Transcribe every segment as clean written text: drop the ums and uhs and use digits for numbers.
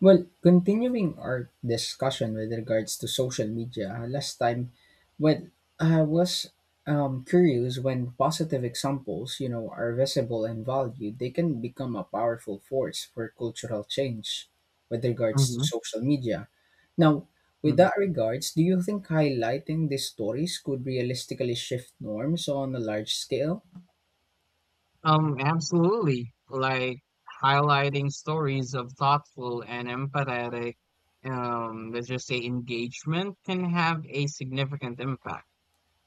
Well, continuing our discussion with regards to social media, last time, when I was curious when positive examples, you know, are visible and valued, they can become a powerful force for cultural change with regards to Mhm, social media. Now, with mhm. that regards, do you think highlighting these stories could realistically shift norms on a large scale? Absolutely. Like highlighting stories of thoughtful and empathetic, let's just say engagement can have a significant impact.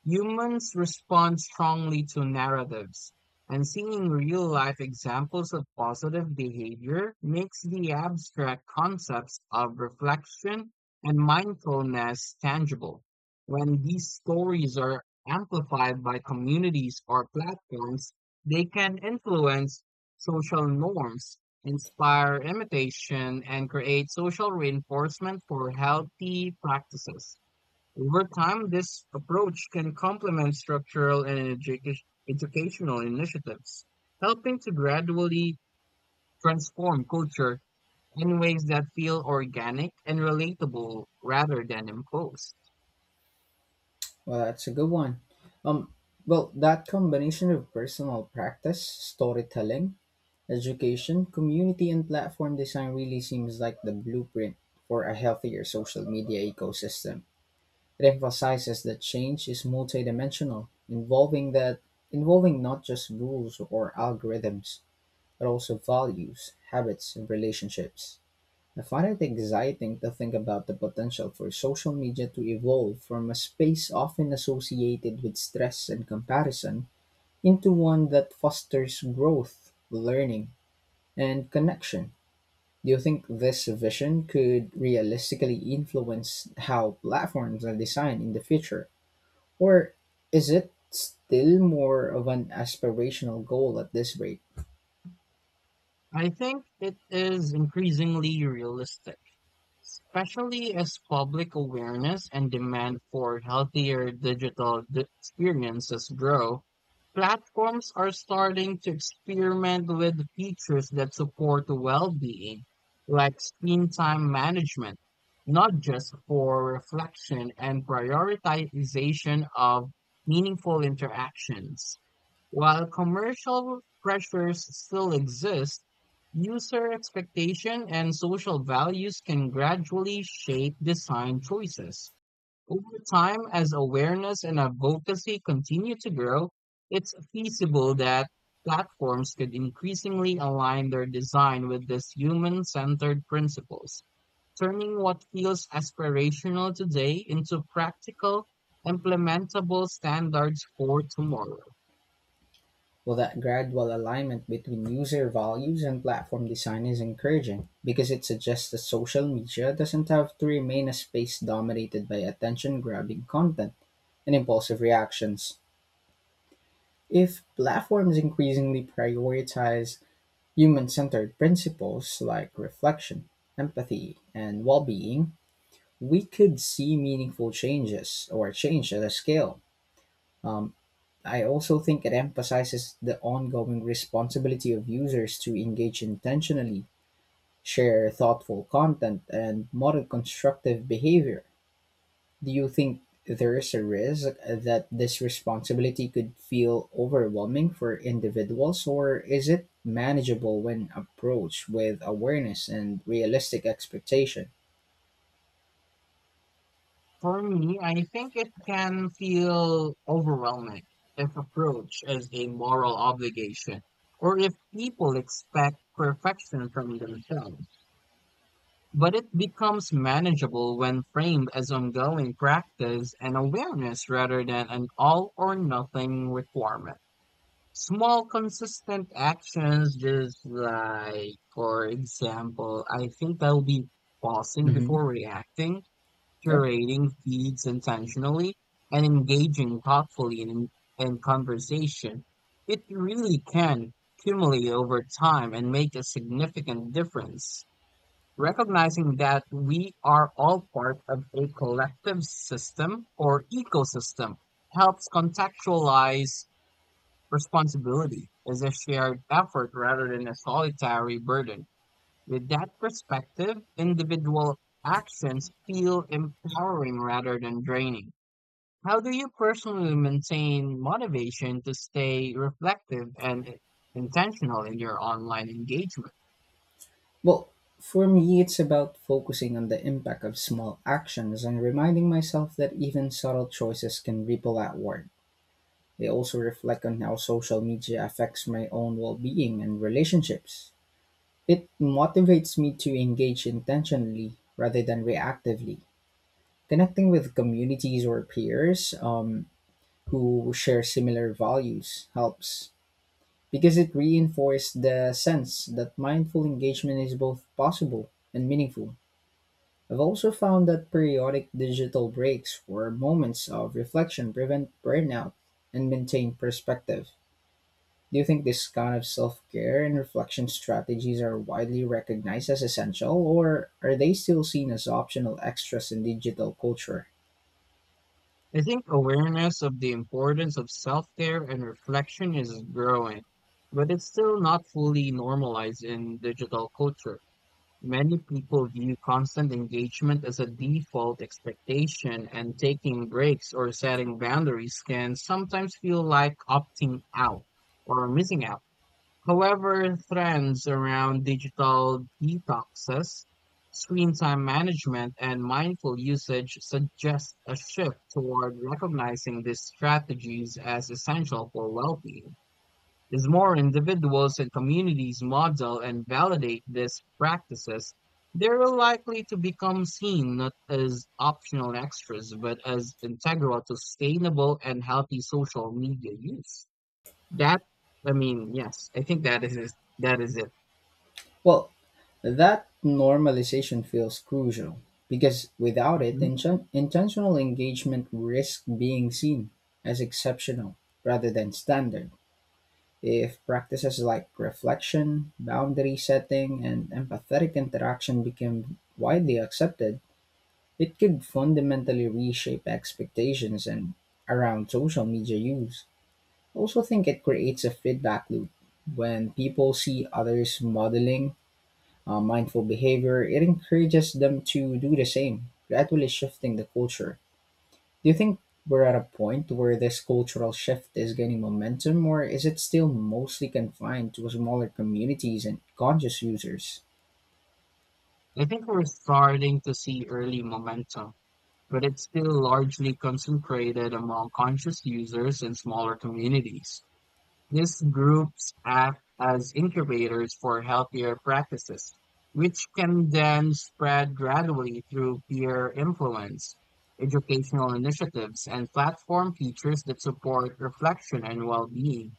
Humans respond strongly to narratives, and seeing real life examples of positive behavior makes the abstract concepts of reflection and mindfulness tangible. When these stories are amplified by communities or platforms, they can influence social norms, inspire imitation, and create social reinforcement for healthy practices. Over time, this approach can complement structural and educational initiatives, helping to gradually transform culture in ways that feel organic and relatable rather than imposed. Well, that's a good one. Um, well, that combination of personal practice, storytelling, education, community and platform design really seems like the blueprint for a healthier social media ecosystem. It emphasizes that change is multidimensional, involving not just rules or algorithms, but also values, habits, and relationships. I find it exciting to think about the potential for social media to evolve from a space often associated with stress and comparison into one that fosters growth, learning, and connection. Do you think this vision could realistically influence how platforms are designed in the future? Or is it still more of an aspirational goal at this rate? I think it is increasingly realistic, especially as public awareness and demand for healthier experiences grow. Platforms are starting to experiment with features that support well-being, like screen time management, not just for reflection and prioritization of meaningful interactions. While commercial pressures still exist, user expectation and social values can gradually shape design choices. Over time, as awareness and advocacy continue to grow, it's feasible that platforms could increasingly align their design with these human centered principles, turning what feels aspirational today into practical, implementable standards for tomorrow. Well, that gradual alignment between user values and platform design is encouraging because it suggests that social media doesn't have to remain a space dominated by attention grabbing content and impulsive reactions. If platforms increasingly prioritize human-centered principles like reflection, empathy, and well-being, we could see meaningful changes or change at a scale. Um, I also think it emphasizes the ongoing responsibility of users to engage intentionally, share thoughtful content, and model constructive behavior. Do you think there is a risk that this responsibility could feel overwhelming for individuals, or is it manageable when approached with awareness and realistic expectation? For me, I think it can feel overwhelming if approached as a moral obligation or if people expect perfection from themselves. But it becomes manageable when framed as ongoing practice and awareness rather than an all or nothing requirement. Small, consistent actions, just like, for example, I think that will be pausing Hmm. before reacting, Yep. curating feeds intentionally, and engaging thoughtfully in conversation, it really can accumulate over time and make a significant difference. Recognizing that we are all part of a collective system or ecosystem helps contextualize responsibility as a shared effort rather than a solitary burden. With that perspective, individual actions feel empowering rather than draining. How do you personally maintain motivation to stay reflective and intentional in your online engagement? Well, for me, it's about focusing on the impact of small actions and reminding myself that even subtle choices can ripple outward. They also reflect on how social media affects my own well being and relationships. It motivates me to engage intentionally rather than reactively. Connecting with communities or peers who share similar values helps because it reinforces the sense that mindful engagement is both possible and meaningful. I've also found that periodic digital breaks or moments of reflection prevent burnout and maintain perspective. Do you think this kind of self care and reflection strategies are widely recognized as essential, or are they still seen as optional extras in digital culture? I think awareness of the importance of self care and reflection is growing, but it's still not fully normalized in digital culture. Many people view constant engagement as a default expectation, and taking breaks or setting boundaries can sometimes feel like opting out or missing out. However, trends around digital detoxes, screen time management, and mindful usage suggest a shift toward recognizing these strategies as essential for well being. As more individuals and communities model and validate these practices, they are likely to become seen not as optional extras, but as integral to sustainable and healthy social media use. That, I mean, yes, I think that is it. Well, that normalization feels crucial because without it, Mhm. Intentional engagement risks being seen as exceptional rather than standard. If practices like reflection, boundary setting, and empathetic interaction became widely accepted, it could fundamentally reshape expectations and around social media use. I also think it creates a feedback loop. When people see others modeling mindful behavior, it encourages them to do the same, gradually shifting the culture. Do you think we're at a point where this cultural shift is gaining momentum, or is it still mostly confined to smaller communities and conscious users? I think we're starting to see early momentum, but it's still largely concentrated among conscious users and smaller communities. These groups act as incubators for healthier practices, which can then spread gradually through peer influence, educational initiatives, and platform features that support reflection and well being.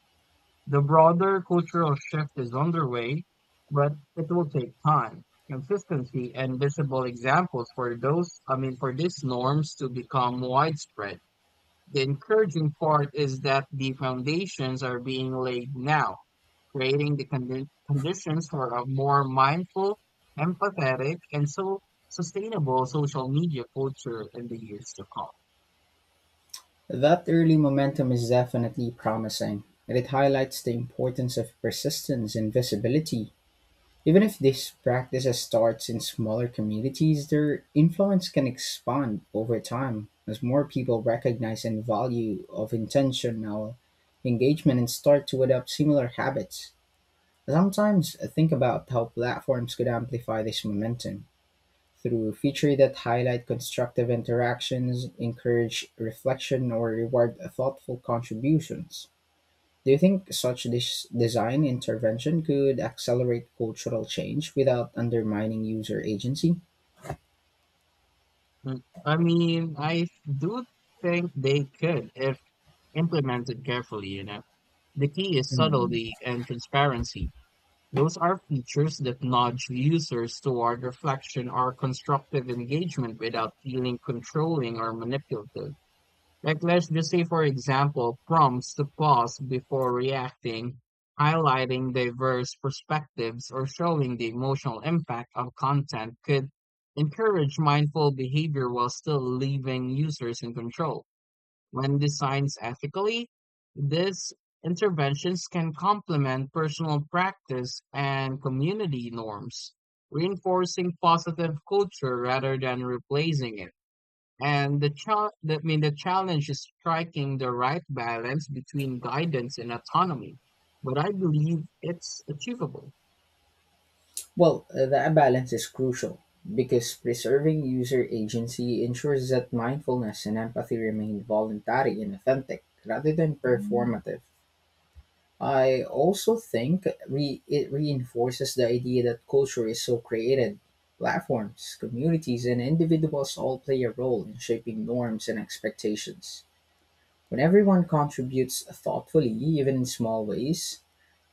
The broader cultural shift is underway, but it will take time, consistency, and visible examples for those, I mean, for these norms to become widespread. The encouraging part is that the foundations are being laid now, creating the conditions for a more mindful, empathetic, and so sustainable social media culture in the years to come. That early momentum is definitely promising, and it highlights the importance of persistence and visibility. Even if these practices starts in smaller communities, their influence can expand over time as more people recognize and value of intentional engagement and start to adopt similar habits. Sometimes I think about how platforms could amplify this momentum through features that highlight constructive interactions, encourage reflection, or reward thoughtful contributions. Do you think such design intervention could accelerate cultural change without undermining user agency? I mean, I do think they could if implemented carefully, you know. The key is Mhm. subtlety and transparency. Those are features that nudge users toward reflection or constructive engagement without feeling controlling or manipulative. Like let's just say, for example, prompts to pause before reacting, highlighting diverse perspectives, or showing the emotional impact of content could encourage mindful behavior while still leaving users in control. When designed ethically, these interventions can complement personal practice and community norms, reinforcing positive culture rather than replacing it. And I mean, the challenge is striking the right balance between guidance and autonomy, but I believe it's achievable. Well, that balance is crucial because preserving user agency ensures that mindfulness and empathy remain voluntary and authentic rather than performative. I also think it reinforces the idea that culture is so created. Platforms, communities, and individuals all play a role in shaping norms and expectations. When everyone contributes thoughtfully, even in small ways,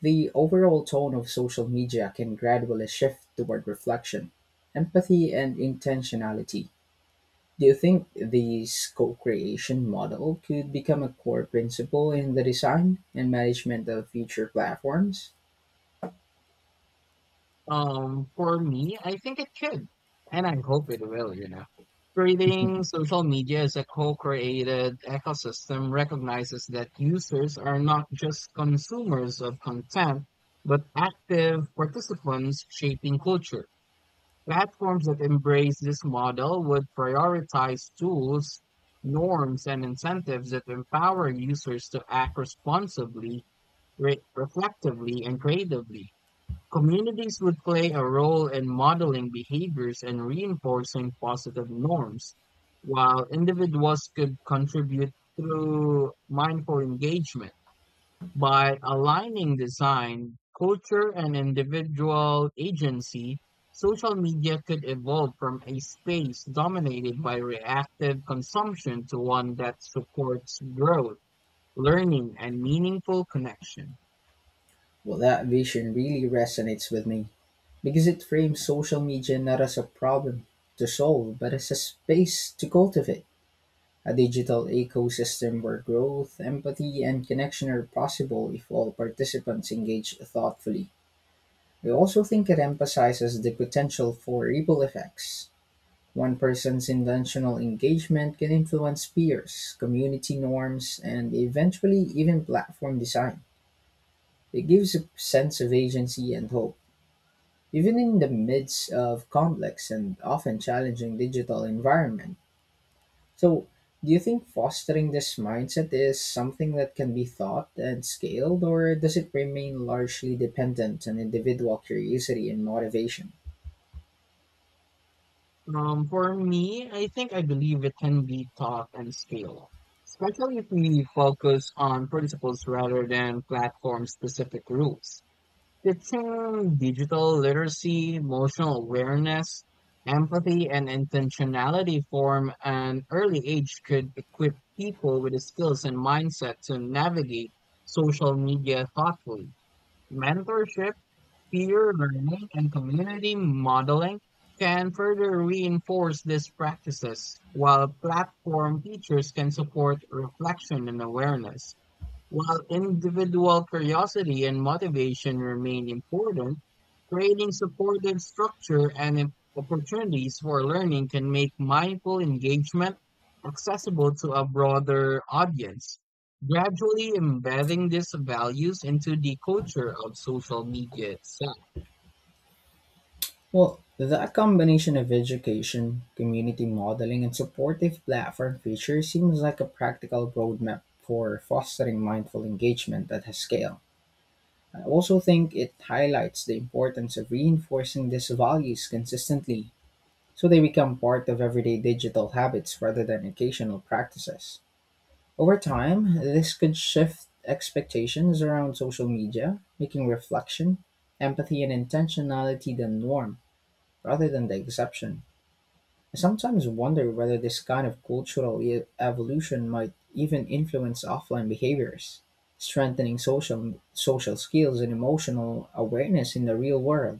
the overall tone of social media can gradually shift toward reflection, empathy, and intentionality. Do you think this co creation model could become a core principle in the design and management of future platforms? For me, I think it should, and I hope it will, you know. Creating social media as a co-created ecosystem recognizes that users are not just consumers of content, but active participants shaping culture. Platforms that embrace this model would prioritize tools, norms, and incentives that empower users to act responsibly, reflectively, and creatively. Communities would play a role in modeling behaviors and reinforcing positive norms, while individuals could contribute through mindful engagement. By aligning design, culture, and individual agency, social media could evolve from a space dominated by reactive consumption to one that supports growth, learning, and meaningful connection. Well, that vision really resonates with me because it frames social media not as a problem to solve, but as a space to cultivate a digital ecosystem where growth, empathy, and connection are possible if all participants engage thoughtfully. I also think it emphasizes the potential for ripple effects. One person's intentional engagement can influence peers, community norms, and eventually even platform design. It gives a sense of agency and hope even in the midst of complex and often challenging digital environment. So, do you think fostering this mindset is something that can be thought and scaled, or does it remain largely dependent on individual curiosity and motivation? For me, I think I believe it can be taught and scaled, especially if we focus on principles rather than platform-specific rules. Teaching digital literacy, emotional awareness, empathy, and intentionality from an early age could equip people with the skills and mindset to navigate social media thoughtfully. Mentorship, peer learning, and community modeling can further reinforce these practices, while platform features can support reflection and awareness. While individual curiosity and motivation remain important, creating supportive structure and opportunities for learning can make mindful engagement accessible to a broader audience, gradually embedding these values into the culture of social media itself. Well, that combination of education, community modeling, and supportive platform features seems like a practical roadmap for fostering mindful engagement that has scale. I also think it highlights the importance of reinforcing these values consistently so they become part of everyday digital habits rather than occasional practices. Over time, this could shift expectations around social media, making reflection, empathy, and intentionality the norm rather than the exception. I sometimes wonder whether this kind of cultural evolution might even influence offline behaviors, strengthening social skills and emotional awareness in the real world.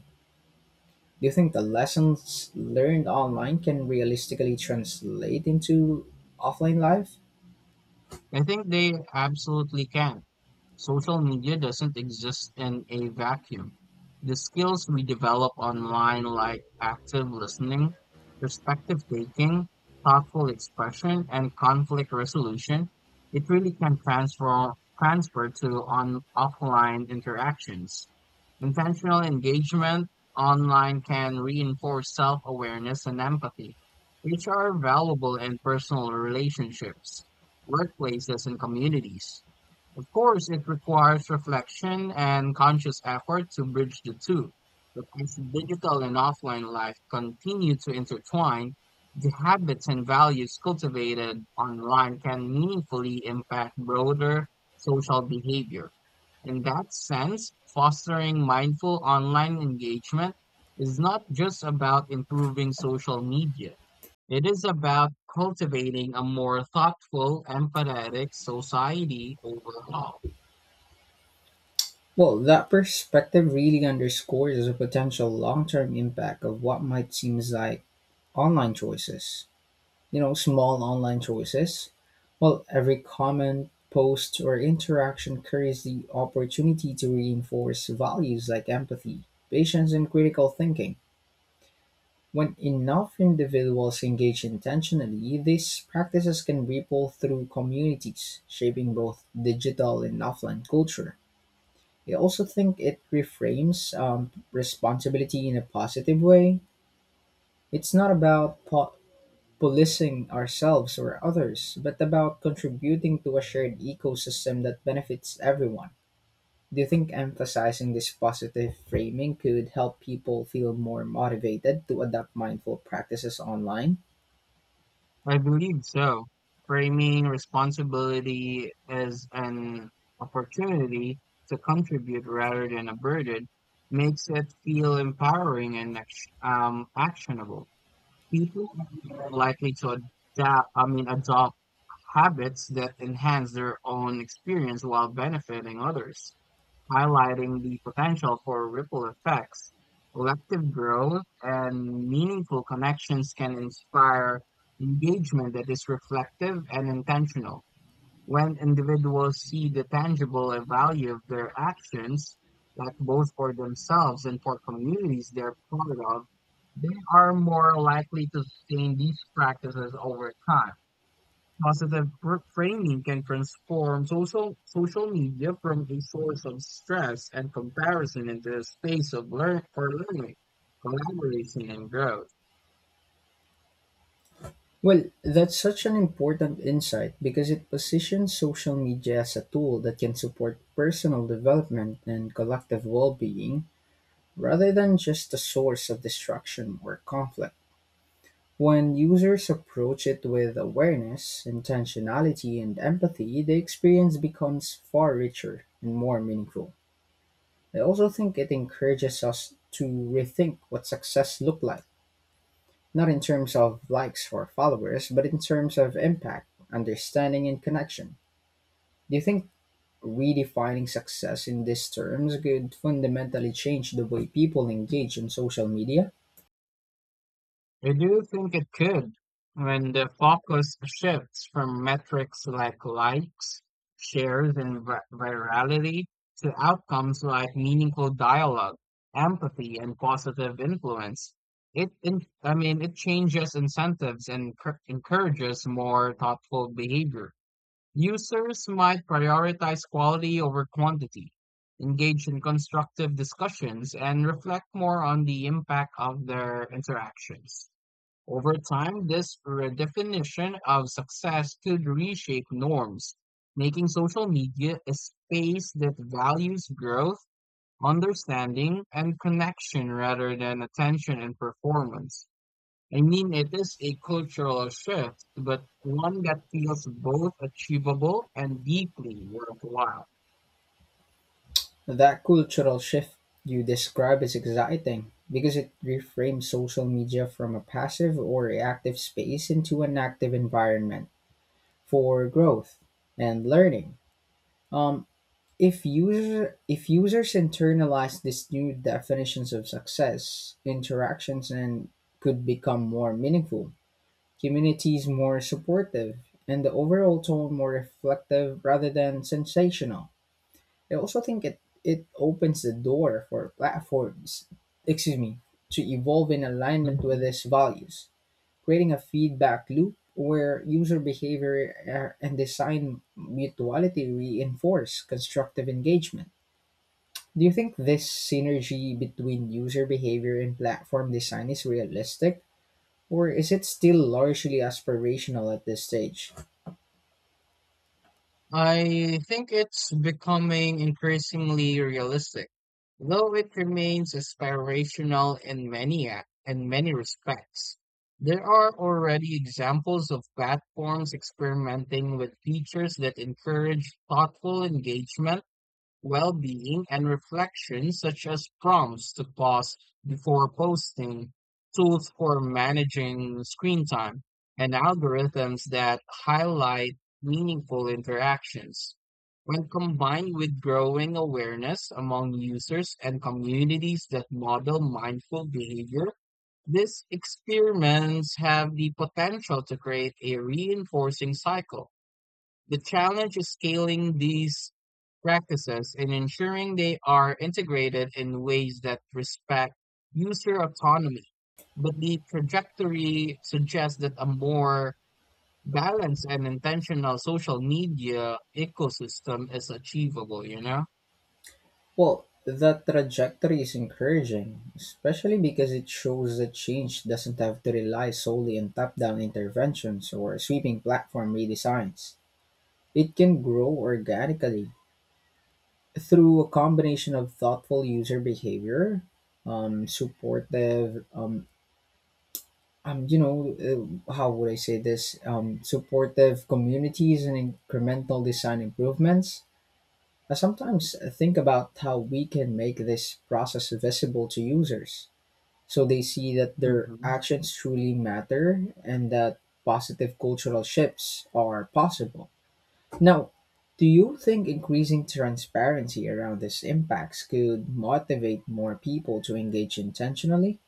Do you think the lessons learned online can realistically translate into offline life? I think they absolutely can. Social media doesn't exist in a vacuum. The skills we develop online, like active listening, perspective taking, thoughtful expression, and conflict resolution, it really can transfer to on offline interactions. Intentional engagement online can reinforce self-awareness and empathy, which are valuable in personal relationships, workplaces, and communities. Of course, it requires reflection and conscious effort to bridge the two. But as digital and offline life continue to intertwine, the habits and values cultivated online can meaningfully impact broader social behavior. In that sense, fostering mindful online engagement is not just about improving social media. It is about cultivating a more thoughtful, empathetic society overall. Well, that perspective really underscores the potential long-term impact of what might seem like online choices. You know, small online choices, well, every comment, post, or interaction carries the opportunity to reinforce values like empathy, patience, and critical thinking. When enough individuals engage intentionally, these practices can ripple through communities, shaping both digital and offline culture. I also think it reframes responsibility in a positive way. It's not about policing ourselves or others, but about contributing to a shared ecosystem that benefits everyone. Do you think emphasizing this positive framing could help people feel more motivated to adopt mindful practices online? I believe so. Framing responsibility as an opportunity to contribute rather than a burden makes it feel empowering and actionable. People are more likely to I mean, adopt habits that enhance their own experience while benefiting others, highlighting the potential for ripple effects. Collective growth and meaningful connections can inspire engagement that is reflective and intentional. When individuals see the tangible value of their actions, like both for themselves and for communities they're part of, they are more likely to sustain these practices over time. Positive framing can transform social media from a source of stress and comparison into a space of learning, collaboration, and growth. Well, that's such an important insight because it positions social media as a tool that can support personal development and collective well being rather than just a source of destruction or conflict. When users approach it with awareness, intentionality, and empathy, the experience becomes far richer and more meaningful. I also think it encourages us to rethink what success looked like, not in terms of likes or followers, but in terms of impact, understanding, and connection. Do you think redefining success in these terms could fundamentally change the way people engage in social media? I do think it could when the focus shifts from metrics like likes, shares, and virality to outcomes like meaningful dialogue, empathy, and positive influence. I mean, it changes incentives and encourages more thoughtful behavior. Users might prioritize quality over quantity, engage in constructive discussions, and reflect more on the impact of their interactions. Over time, this redefinition of success could reshape norms, making social media a space that values growth, understanding, and connection rather than attention and performance. I mean, it is a cultural shift, but one that feels both achievable and deeply worthwhile. That cultural shift you describe is exciting because it reframes social media from a passive or reactive space into an active environment for growth and learning. Um, if users internalize these new definitions of success, interactions and could become more meaningful, communities more supportive, and the overall tone more reflective rather than sensational. I also think it opens the door for platforms, excuse me, to evolve in alignment with these values, creating a feedback loop where user behavior and design mutuality reinforce constructive engagement. Do you think this synergy between user behavior and platform design is realistic, or is it still largely aspirational at this stage? I think it's becoming increasingly realistic, though it remains aspirational in in many respects. There are already examples of platforms experimenting with features that encourage thoughtful engagement, well-being, and reflection, such as prompts to pause before posting, tools for managing screen time, and algorithms that highlight meaningful interactions. When combined with growing awareness among users and communities that model mindful behavior, these experiments have the potential to create a reinforcing cycle. The challenge is scaling these practices and ensuring they are integrated in ways that respect user autonomy. But the trajectory suggests that a more balanced and intentional social media ecosystem is achievable, you know? Well, that trajectory is encouraging, especially because it shows that change doesn't have to rely solely on top down interventions or sweeping platform redesigns. It can grow organically through a combination of thoughtful user behavior, supportive, you know, how would I say this? Supportive communities and incremental design improvements. I sometimes think about how we can make this process visible to users so they see that their Mhm. actions truly matter and that positive cultural shifts are possible. Now, do you think increasing transparency around these impacts could motivate more people to engage intentionally?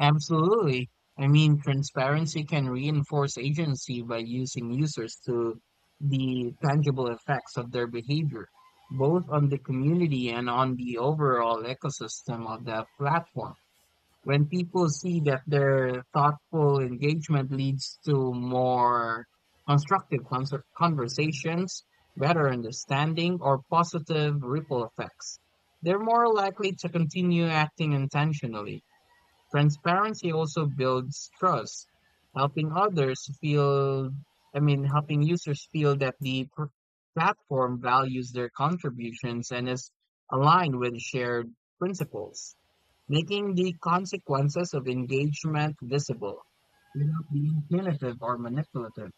Absolutely. I mean, transparency can reinforce agency by using users to the tangible effects of their behavior, both on the community and on the overall ecosystem of the platform. When people see that their thoughtful engagement leads to more constructive conversations, better understanding, or positive ripple effects, they're more likely to continue acting intentionally. Transparency also builds trust, helping others feel, I mean, helping users feel that the platform values their contributions and is aligned with shared principles, making the consequences of engagement visible without being punitive or manipulative.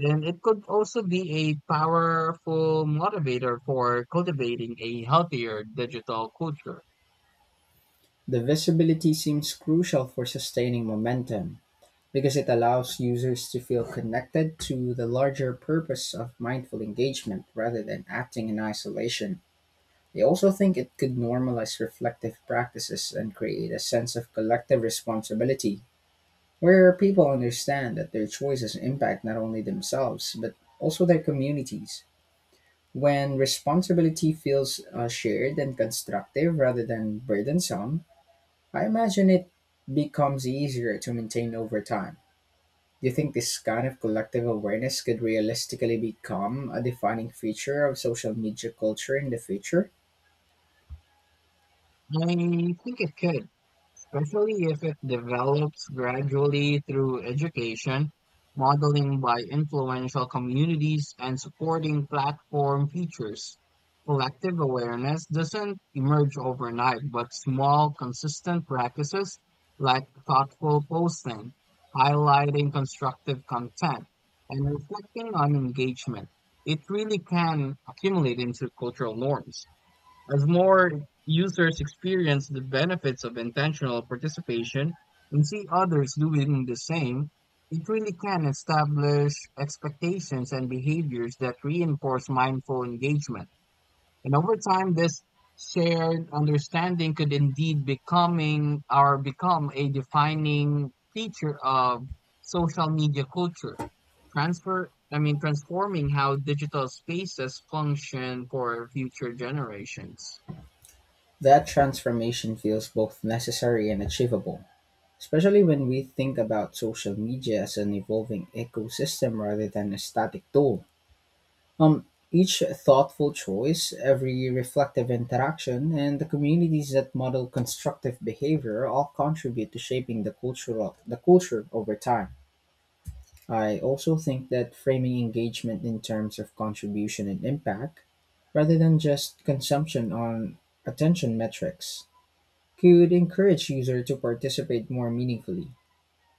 And it could also be a powerful motivator for cultivating a healthier digital culture. The visibility seems crucial for sustaining momentum, because it allows users to feel connected to the larger purpose of mindful engagement rather than acting in isolation. I also think it could normalize reflective practices and create a sense of collective responsibility where people understand that their choices impact not only themselves but also their communities. When responsibility feels shared and constructive rather than burdensome, I imagine it becomes easier to maintain over time. Do you think this kind of collective awareness could realistically become a defining feature of social media culture in the future? I think it could, especially if it develops gradually through education, modeling by influential communities, and supporting platform features. Collective awareness doesn't emerge overnight, but small, consistent practices like thoughtful posting, highlighting constructive content, and reflecting on engagement, it really can accumulate into cultural norms. As more users experience the benefits of intentional participation and see others doing the same, it really can establish expectations and behaviors that reinforce mindful engagement. And over time, this shared understanding could indeed becoming or become a defining feature of social media culture, transfer I mean, transforming how digital spaces function for future generations. That transformation feels both necessary and achievable, especially when we think about social media as an evolving ecosystem rather than a static tool. Um, each thoughtful choice, every reflective interaction, and the communities that model constructive behavior all contribute to shaping the culture over time. I also think that framing engagement in terms of contribution and impact, rather than just consumption on attention metrics, could encourage users to participate more meaningfully.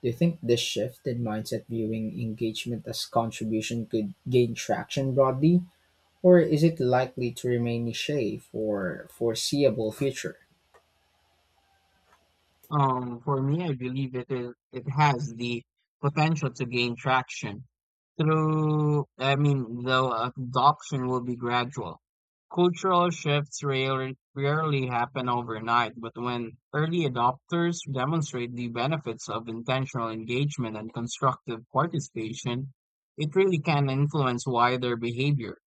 Do you think this shift in mindset viewing engagement as contribution could gain traction broadly, or is it likely to remain niche for foreseeable future? For me, I believe it has the potential to gain traction I mean, the adoption will be gradual. Cultural shifts rarely happen overnight, but when early adopters demonstrate the benefits of intentional engagement and constructive participation, it really can influence wider behavior.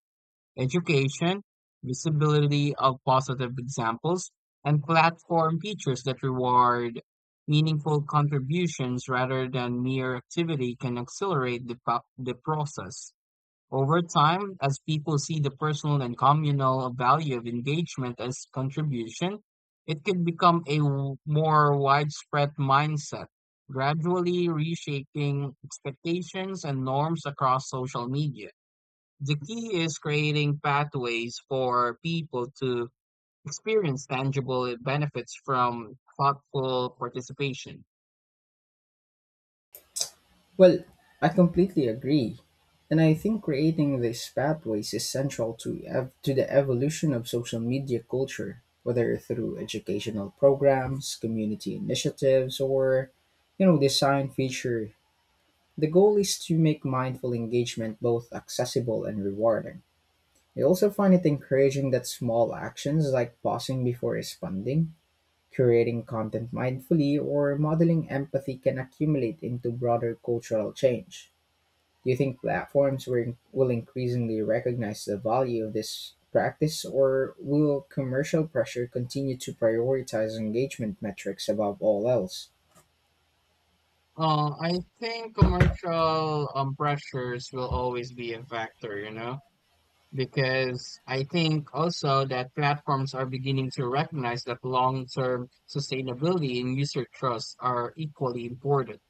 Education, visibility of positive examples, and platform features that reward meaningful contributions rather than mere activity can accelerate the process. Over time, as people see the personal and communal value of engagement as contribution, it can become more widespread mindset, gradually reshaping expectations and norms across social media. The key is creating pathways for people to experience tangible benefits from thoughtful participation. Well, I completely agree. And I think creating these pathways is central to, to the evolution of social media culture, whether through educational programs, community initiatives, or you know, design feature. The goal is to make mindful engagement both accessible and rewarding. I also find it encouraging that small actions like pausing before responding, curating content mindfully, or modeling empathy can accumulate into broader cultural change. Do you think platforms will increasingly recognize the value of this practice, or will commercial pressure continue to prioritize engagement metrics above all else? I think commercial pressures will always be a factor, you know, because I think also that platforms are beginning to recognize that long-term sustainability and user trust are equally important.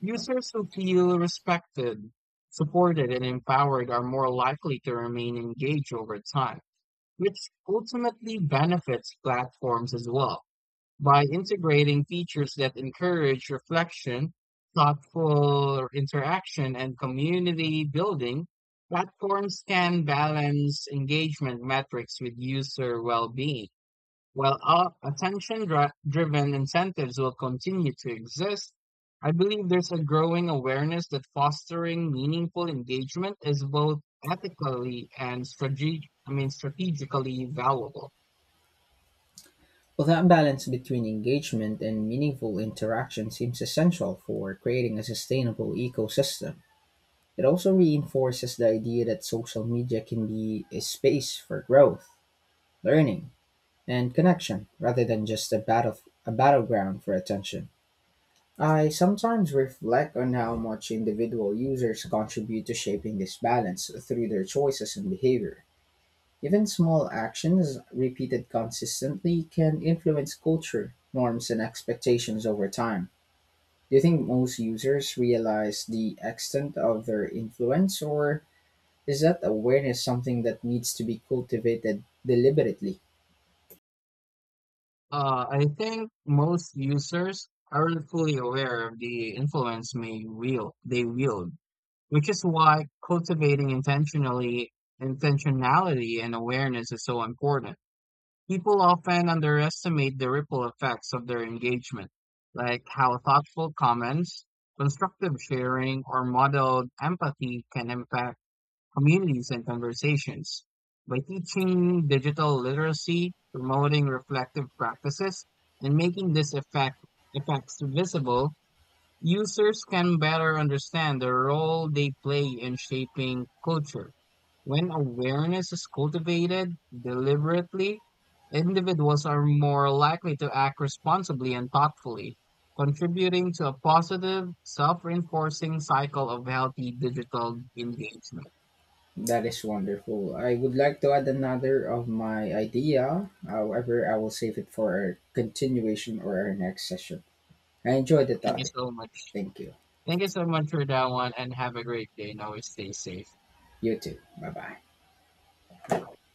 Users who feel respected, supported, and empowered are more likely to remain engaged over time, which ultimately benefits platforms as well by integrating features that encourage reflection, thoughtful interaction, and community building. Platforms can balance engagement metrics with user well being. While all attention driven incentives will continue to exist, I believe there's a growing awareness that fostering meaningful engagement is both ethically and I mean, strategically valuable. Well, that balance between engagement and meaningful interaction seems essential for creating a sustainable ecosystem. It also reinforces the idea that social media can be a space for growth, learning, and connection rather than just a battleground for attention. I sometimes reflect on how much individual users contribute to shaping this balance through their choices and behavior. Even small actions repeated consistently can influence culture, norms, and expectations over time. Do you think most users realize the extent of their influence, or is that awareness something that needs to be cultivated deliberately? I think most users aren't fully aware of the influence they wield, which is why cultivating intentionally intentionality and awareness is so important. People often underestimate the ripple effects of their engagement, like how thoughtful comments, constructive sharing, or modeled empathy can impact communities and conversations. By teaching digital literacy, promoting reflective practices, and making this effect effects visible, users can better understand the role they play in shaping culture. When awareness is cultivated deliberately, individuals are more likely to act responsibly and thoughtfully, contributing to a positive, self reinforcing cycle of healthy digital engagement. That is wonderful. I would like to add another of my idea. However, I will save it for our continuation or our next session. I enjoyed the Thank you topic. so much. Thank you. Thank you so much for that one and have a great day and always stay safe. You too. Bye bye. Bye bye.